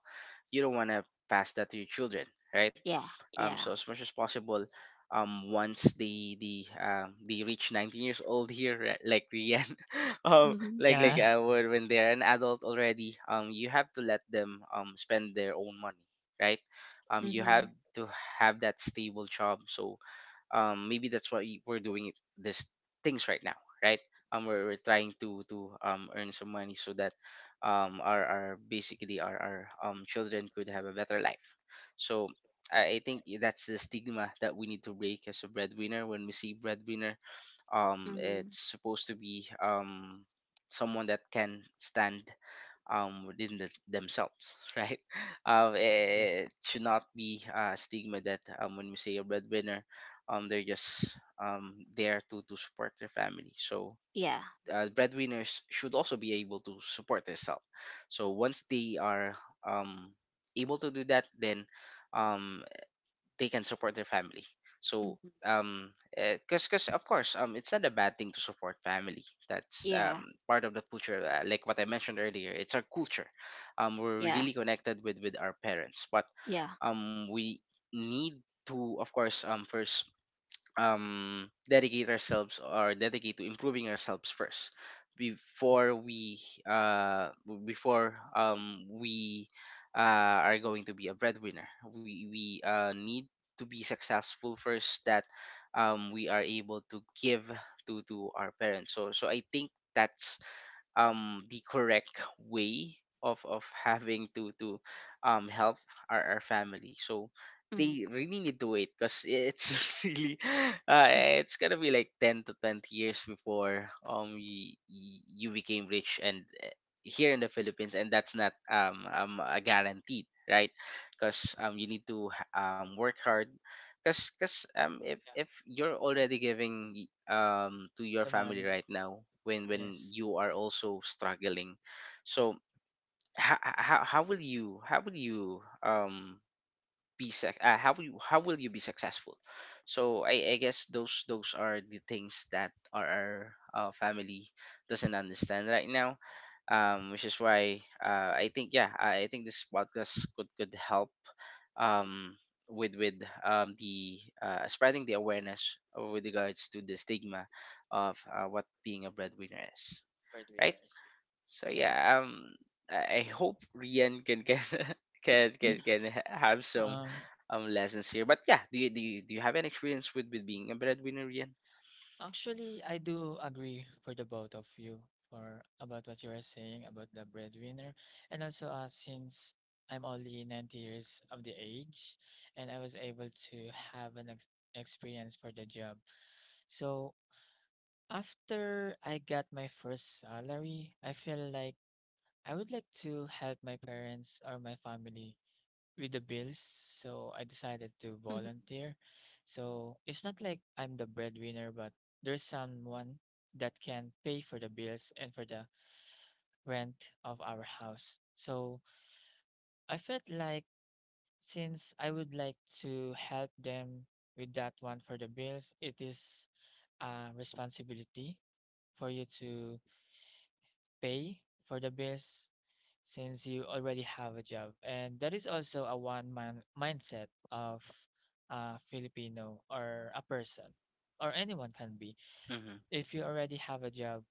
you don't want to pass that to your children, right?
Yeah.
So
Yeah.
as much as possible, once they reach 19 years old here, like Rian,
Mhm.
Yeah.
when they're an adult already, you have to let them spend their own money, right? You have
Mhm.
to have that stable job. So maybe that's why we're doing it this things right now, right? We're trying to earn some money so that um our, our basically our, our children could have a better life. So I think that's the stigma that we need to break. As a breadwinner, when we see breadwinner,
Mhm.
it's supposed to be someone that can stand within themselves, right?
Yes.
Should not be a stigma that, when we say a breadwinner, they're just there to support their family. So
Yeah.
breadwinners should also be able to support themselves. So once they are um able to do that, then um they can support their family. So
Mhm.
um because of course, it's not a bad thing to support family. That's
Yeah.
part of the culture. Like what I mentioned earlier, it's our culture. We're
Yeah.
really connected with our parents. But
Yeah.
we need to, of course, first dedicate ourselves, or dedicate to improving ourselves first, before we w- before we are going to be a breadwinner. We need to be successful first, that we are able to give to our parents. So I think that's the correct way of having to help our family. So
Mhm.
they really need to wait, because it's really it's gonna be like 10 to 20 years before you became rich and here in the Philippines, and that's not a guaranteed right, because you need to work hard. Cause, if
Yeah.
if you're already giving to your
The
family
money.
right now, when
Yes.
you are also struggling, so how will you how will you how will you be successful? So I guess those are the things that our family doesn't understand right now, which is why, I think, yeah, I think this podcast could help, um, with the, spreading the awareness with regards to the stigma of what being a breadwinner is. Right.
Breadwinners.
So
Yes.
yeah, I hope Rian can
Mhm.
Yeah.
have some
Um.
lessons here. But yeah, do you have an experience with being a breadwinner, Rian?
Actually, I do agree for the both of you for about what you were saying about the breadwinner, and also since I'm only 90 years of the age, and I was able to have an ex experience for the job. So after I got my first salary, I feel like I would like to help my parents or my family with the bills, so I decided to
Mhm.
volunteer. So it's not like I'm the breadwinner, but there's someone that can pay for the bills and for the rent of our house. So I felt like since I would like to help them with that one for the bills, it is a responsibility for you to pay for the bills since you already have a job. And that is also a one man mindset of a Filipino or a person or anyone can be.
Mm-hmm.
If you already have a job,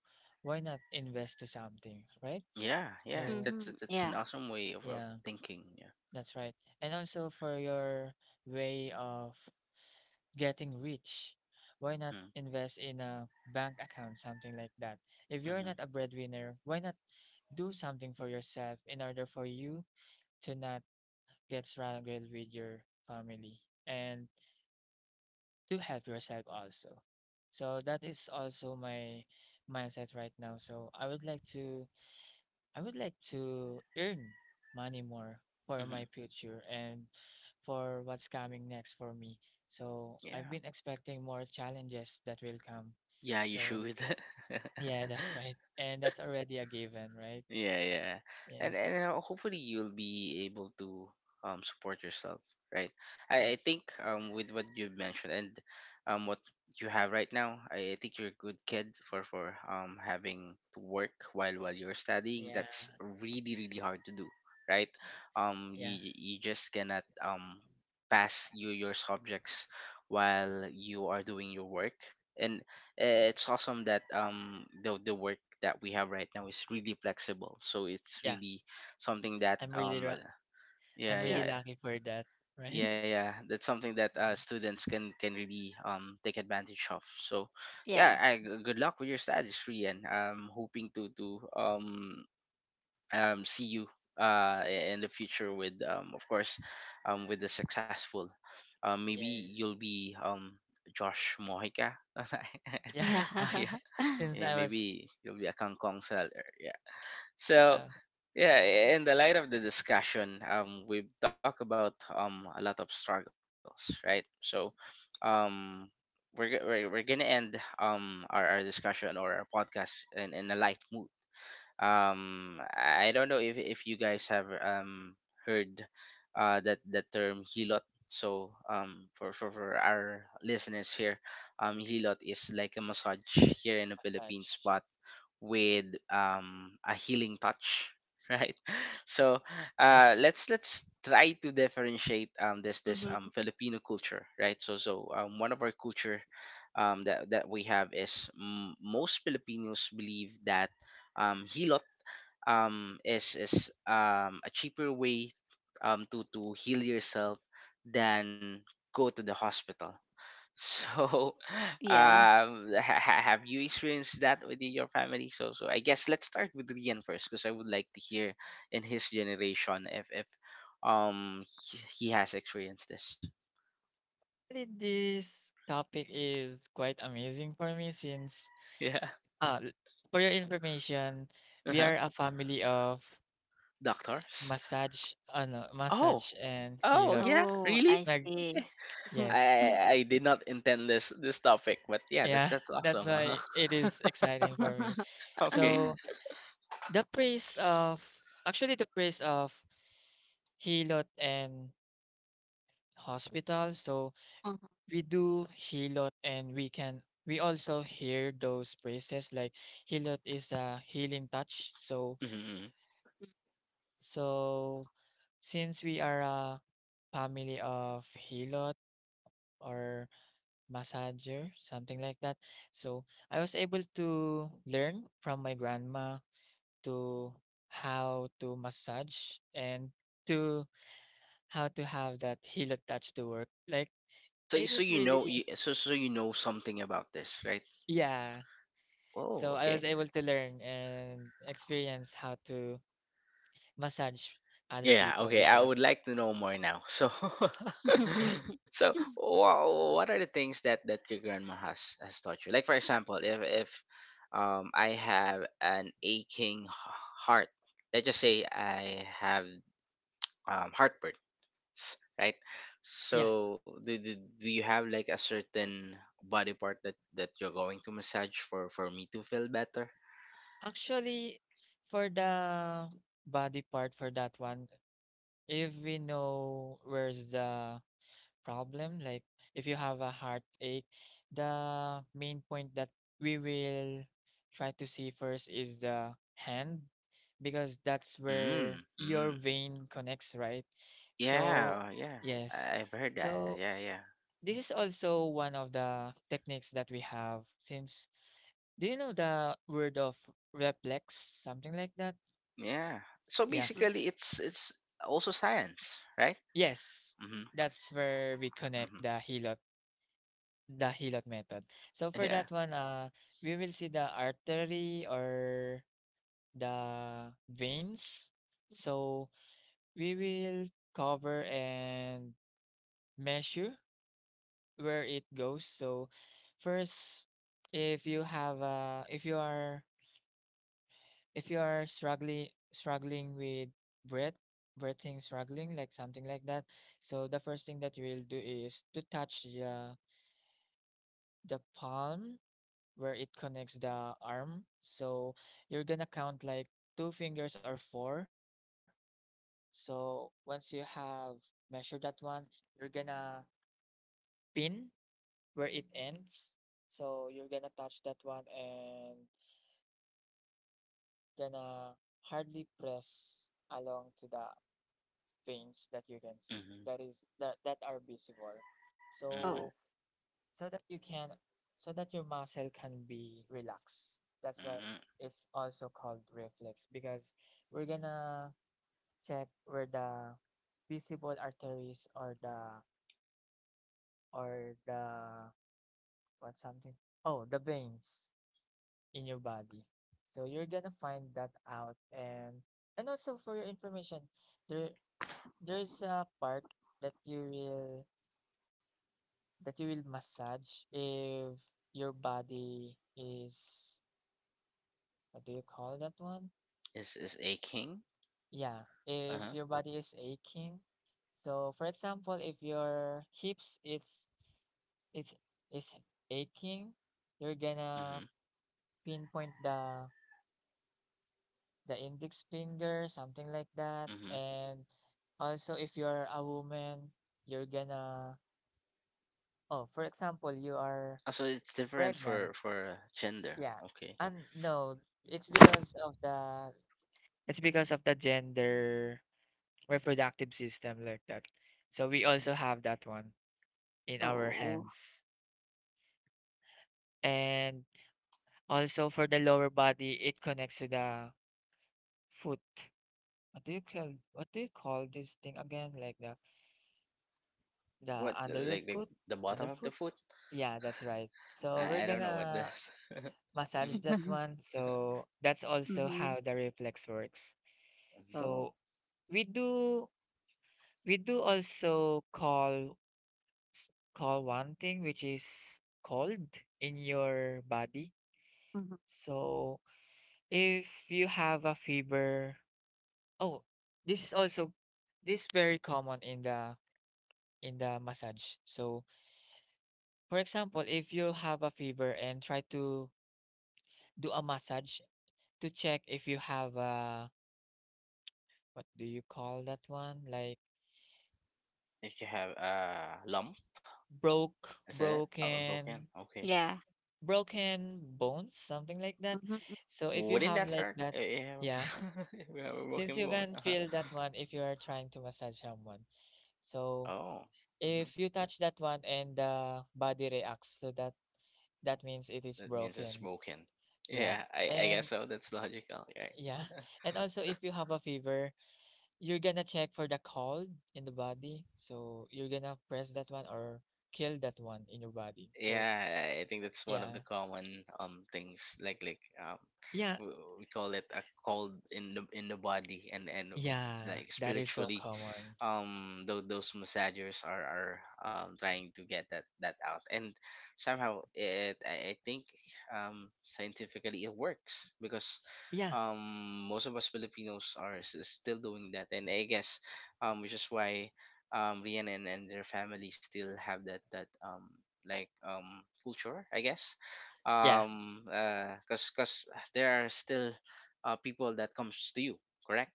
why not invest to something, right?
Yeah, yeah,
So
that's
Mhm.
that's an
Yeah.
awesome way of,
yeah,
thinking. Yeah.
that's right. And also for your way of getting rich, why not
Hmm.
invest in a bank account, something like that? If you're
Mm-hmm.
not a breadwinner, why not do something for yourself in order for you to not get surrounded with your family and to help yourself also. So that is also my mindset right now. So I would like to earn money more for
Mm-hmm.
my future and for what's coming next for me. So
Yeah.
I've been expecting more challenges that will come.
Yeah, you
So
should.
yeah, that's right. And that's already a given, right?
Yeah, yeah. And and
Yes.
uh, hopefully you'll be able to support yourself, right? I think,
Yes.
with what you mentioned, and what you have right now, I think you're a good kid for having to work while you're studying.
Yeah.
That's really, really hard to do, right?
Right.
Um
Yeah.
you you just cannot pass your subjects while you are doing your work. And it's awesome that the work that we have right now is really flexible. So it's
Yeah,
really something that
I'm really ra-
yeah,
I'm really
Yeah.
yeah,
lucky for that, right?
yeah, yeah, that's something that,
Yes.
students can really take advantage of. So
Yeah.
yeah, good luck with your studies, Rian. I'm hoping to um see you in the future, with, of course, with the successful, maybe you'll
Yes.
be, Josh Mojica.
Yeah.
Yeah.
Yeah,
Since I was
maybe you'll be a kangkong seller. Yeah. So
uh,
yeah, in the light of the discussion, we've talked about a lot of struggles, right? So, um, we're gonna end our discussion or our podcast in a light mood. I don't know if you guys have heard that term hilot. So, for our listeners here, hilot is like a massage here in the
massage.
Philippines, but with, a healing touch right. So,
Yes.
let's try to differentiate, this
Mhm.
Filipino culture, right? So, one of our culture, that we have is, most Filipinos believe that, hilot, is a cheaper way, to heal yourself than go to the hospital. So,
Yeah.
have you experienced that within your family? I guess let's start with Rian first, because I would like to hear, in his generation, if he has experienced this.
Really, this topic is quite amazing for me since
Yeah.
uh l- for your information, we
Uh-huh.
are a family of
Doctors.
massage ano,
Oh.
massage and
Oh, yeah.
helots.
Oh,
Really?
I
Nag
Okay.
see.
I
yes.
I did not intend this topic, but yeah, that's
Yeah,
that's
that's
awesome.
why it
Uh-huh.
is exciting for
Mhm.
me.
Okay.
So the praise of actually the praise of Hilot and hospital. So we do Hilot and we also hear those praises like Hilot is a healing touch. So
Mm-hmm, mm-hmm.
so since we are a family of Hilot or massager, something like that. So I was able to learn from my grandma to how to massage and to how to have that heel attached to work. Like
So
it
so
is
you
really,
know you so so you know something about this, right?
yeah.
Oh,
So I was
okay.
able to learn and experience how to massage other
Yeah,
people
okay.
with
I
that.
would like to know more now. So,
Yeah.
what are the things that your grandma has taught you? Like, for example, if I have an aching heart, let's just say I have heartburn, right?
Yeah.
So, do you have like a certain body part that you're going to massage for me to feel better?
Actually for the body part for that one, if we know where's the problem, like if you have a heartache, the main point that we will try to see first is the hand because that's where
Mm,
your
mm.
vein connects, right? So,
Yeah, yeah.
yes.
I've heard that.
So,
Yeah, yeah.
this is also one of the techniques that we have since do you know the word of reflex, something like that?
Yeah. So
Yeah.
Mhm.
basically it's also science, right?
Yes.
Mhm.
That's where we
Mhm.
connect the hilot. The Hilot method. So for
Yeah.
that one, we will see the artery or the veins. So we will cover and measure where it goes. So first, if you have if you are, if you are struggling with breath, breathing struggling, like something like that. So the first thing that you will do is to touch the palm where it connects the arm. So you're gonna count like two fingers or four. So once you have measured that one, you're gonna pin where it ends. So you're gonna touch that one and gonna hardly press along to the veins that you can see.
Mhm.
That is that are visible.
Mhm.
So
Oh.
so that you can, so that your muscle can be relaxed, that's why
Mhm.
it's also called reflex because we're gonna check where the visible arteries or the what something, oh, the veins in your body. So you're gonna find that out. And also for your information, there there's a part that you will that you will massage if your body is, what do you call that one?
Is aching?
Yeah, if your
Uh-huh.
body is aching. So for example, if your hips, it's is aching, you're
Mhm.
gonna pinpoint the index finger, something like that.
Mhm.
And also if you're a woman, you're gonna, oh, for example, you are
Ah, so it's different for,
pregnant.
gender.
Yeah.
Okay.
And no, it's because of the it's because of the gender, reproductive system like that. So we also have that one in our
Oh.
hands. And also for the lower body, it connects to the foot. What do you call this thing again? Like the
What,
under your
like
foot?
the bottom of the
Underfoot?
foot?
Yeah, that's right. So we're
I don't know what
gonna
this. Mhm.
massage that one. So that's also how
Mhm.
the reflex works.
Mhm.
Oh.
So we do we do also call call one thing which is cold in your body.
Mhm.
So if you have a fever, oh, this is also, this very common in the massage. So for example, if you have a fever and try to do a massage to check if you have a, what do you call that one? Like
If you have a lump, is that it? Or a broken?
broken,
Okay.
Yeah.
broken bones, something like that.
Mhm,
So if you
Wouldn't
have
that
like
hurt?
that, yeah.
If if we have a
Since
broken
you
bone?
can
Uh-huh.
feel that one if you are trying to massage someone. So
Oh, hmm
if you touch that one and the body reacts to that, that means it is
that means it's
broken.
broken.
Yeah.
Yeah, I
And
guess so. That's logical, right?
yeah. And also if you have a fever, you're gonna check for the cold in the body. So you're gonna press that one or kill that one in your body. So
Yeah, I think that's one of the
yeah.
common things,
Yeah.
we call it a cold in the body, and
Yeah.
like,
That is so
spiritually,
common.
those massagers are trying to get that out, and somehow it, I think scientifically it works, because
Yeah.
um most of us Filipinos are still doing that, and I guess, which is why, Rian and, their family still have that, like, culture, I guess,
Yeah.
cause there are still people that comes to you, correct?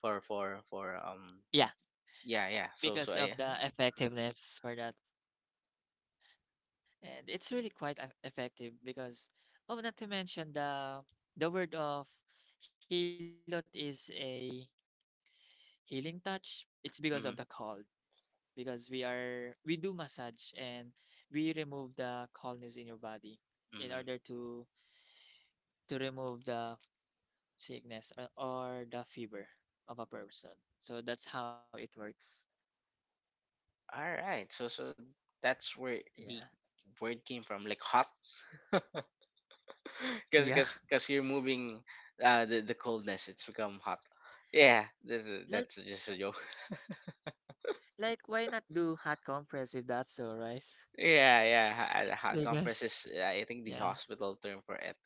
For
Yeah.
yeah, yeah.
Because
so
of
so I
the effectiveness for that. And it's really quite effective because, oh, not to mention the word of helot is a healing touch. It's because of the
Mm,
cold, because we are, we do massage and we remove the coldness in your body in
mm.
order to remove the sickness or the fever of a person. So that's how it works.
All right, that's where the
Yeah.
word came from, like hot. because
Yeah.
because because you're moving, the coldness, it's become hot. Yeah,
Like
that's just a joke.
like why not do hot compress if that's so, right?
Yeah, yeah. Conference is,
Because
I think, the
yeah.
hospital term for it.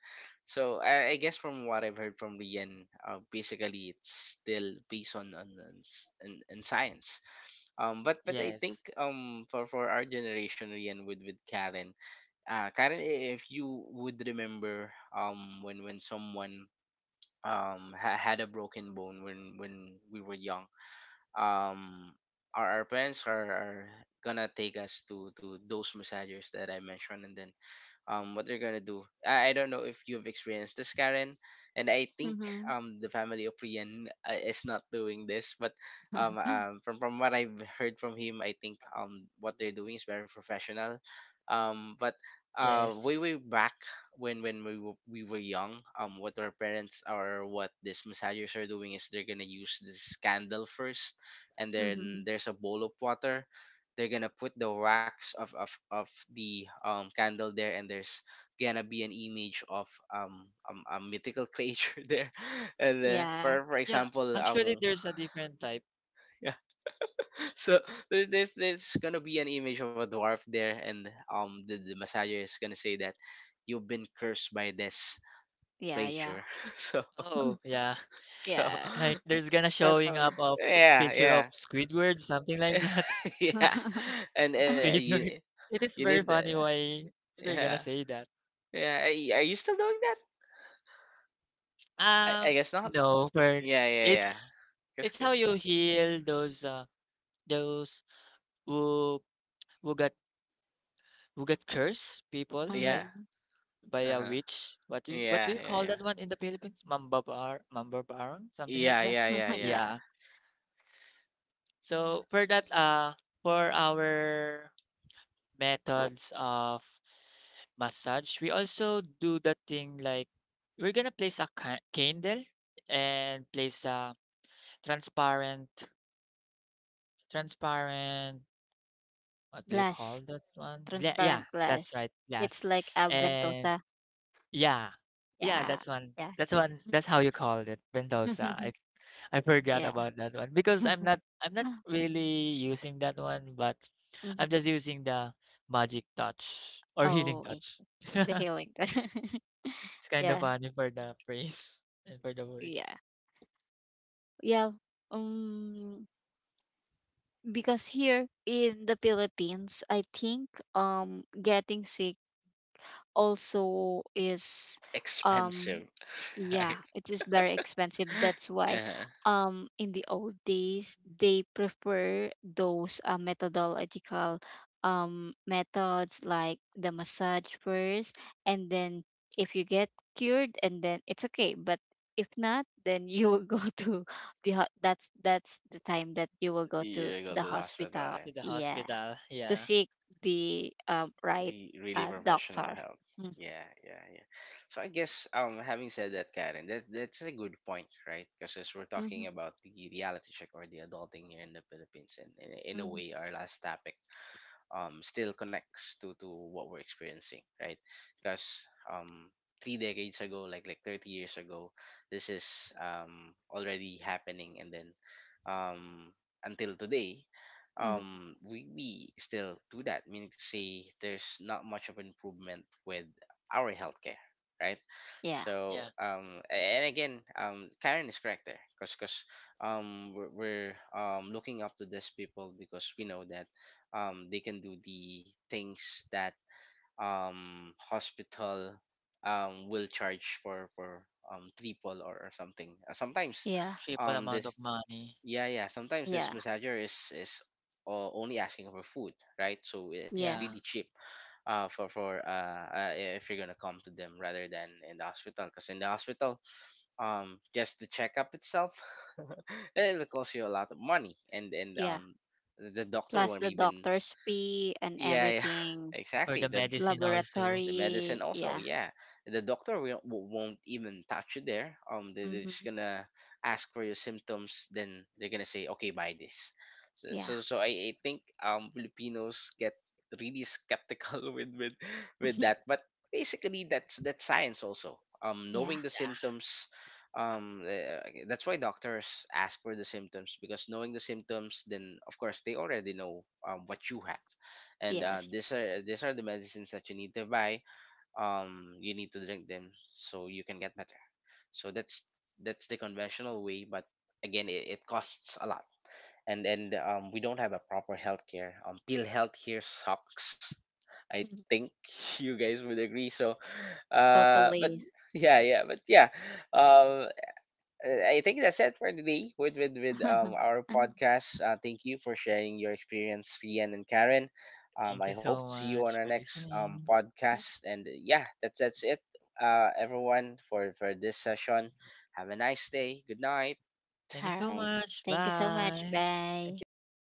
So I guess, from what I've heard from Rian, basically it's still based on science. But I think,
Yes.
for, our generation, Rian, with Karen, Karen, if you would remember when someone had a broken bone when we were, young um our parents are gonna take us to those massagers that I mentioned and then what they're gonna do. I don't know if you've experienced this, Karen, and I think
mhm,
the family of Rian is not doing this, but from what I've heard from him, I think what they're doing is very professional. But
Yes.
way way back when we were, young, what our parents or what these massagers are doing is they're gonna use this candle first, and then
mhm.
there's a bowl of water. They're gonna put the wax of the, candle there, and there's gonna be an image of, a mythical creature there. And,
Yeah,
for,
Yeah,
example,
actually there's a different type.
yeah. So there's, there's gonna be an image of a dwarf there. And the massager is gonna say that you've been cursed by this
yeah, yeah.
creature
Oh,
so.
yeah.
Mhm.
Like
so
there's
Yeah,
gonna showing up a
totally.
picture of
yeah, yeah.
Squidward, something like that.
Yeah. And,
Squidward.
you
It is very
you
funny
need,
why they're gonna say
yeah,
that.
yeah. Are you still doing that? I,
Um,
guess not.
no, but
Yeah, yeah, yeah.
it's
Cause,
it's how
cause,
you heal those who who got who got cursed people
yeah.
like
Mhm.
by
Uh
a
huh.
witch. What do
Yeah,
you
yeah,
call
yeah.
that one in the Philippines? Mamba bar, mamba barang, something like
Yeah,
that.
yeah, yeah, yeah.
Yeah.
Yeah. So for that, for our methods of massage, we also do the thing like we're gonna place a candle and place a transparent, transparent. What do you call
Glass,
that one? Yeah,
transparent
that's
glass.
right,
It's
glass.
like a
And
ventosa.
yeah. Yeah,
Yeah,
that's one.
yeah.
That's one. That's how you call it, Mendoza. I forgot
Yeah.
about that one because I'm not really using that one, but
Mhm.
I'm just using the magic touch or healing
Oh, I
touch.
see. The healing.
It's kind of
Yeah,
funny for the phrase and for the word.
yeah. Yeah. Um, because here in the Philippines, I think getting sick also is um
Expensive,
Yeah,
right?
it is very expensive. That's why,
Uh-huh.
in the old days, they prefer those methodological methods, like the massage first, and then if you get cured, and then it's okay. But if not, then you will go to the that's the time that you will go to
You go
the
to the hospital,
To the
hospital.
right?
Yeah,
hospital. Yeah.
to seek the right
The really professional
doctor.
help.
Mm-hmm.
Yeah, yeah, yeah. So I guess, having said that, Karen, that that's a good point, right? Because as we're
Mm-hmm,
talking about the reality check or the adulting here in the Philippines, and in a
mm-hmm,
way, our last topic, still connects to what we're experiencing, right? Because, three decades ago, like, 30 years ago, this is, already happening, and then, um, until today,
mm-hmm.
we still do that. Meaning to say, there's not much of improvement with our healthcare, right?
Yeah,
Yeah.
So, and again, Karen is correct there, because we're, looking up to these people, because we know that, they can do the things that, hospital, will charge for, triple, or, something. Sometimes,
yeah,
Triple amount of
this
money.
yeah, yeah, sometimes this
yeah.
massager is only asking for food, right? So it's
Yeah,
really
Yeah.
cheap, for, if you're gonna come to them rather than in the hospital, because in the hospital, just the checkup itself it will cost you a lot of money. And
yeah.
the doctor
Plus
won't
the
even...
doctor's fee and
Yeah, yeah.
everything,
For
Exactly.
the
The
medicine also.
the medicine
laboratory.
also,
Yeah.
yeah. The doctor will, won't even touch you there. They're just
Hmm.
gonna ask for your symptoms. Then they're gonna say, okay, buy this. So,
Yeah.
so, so I think Filipinos get really skeptical with that. But basically, that's science also.
Yeah.
Knowing the
Yeah.
symptoms. That's why doctors ask for the symptoms, because knowing the symptoms, then of course they already know, what you have. And,
Yes.
these are the medicines that you need to buy. You need to drink them so you can get better. So that's the conventional way. But again, it, costs a lot. And, we don't have a proper healthcare, pill healthcare sucks, I
Mhm.
think. You guys would agree, so, but
Totally.
yeah, yeah, but yeah, um I think that's it for today with, with our podcast. Thank you for sharing your experience, Rian and Karen.
Thank
I
you
hope to
so
see you on our
much for
next
listening.
podcast. And yeah, that's it, everyone, for this session. Have a nice day. Good night.
Thank you
All
so
right.
much.
Thank you so much.
Bye. Thank
Bye.
you, everyone.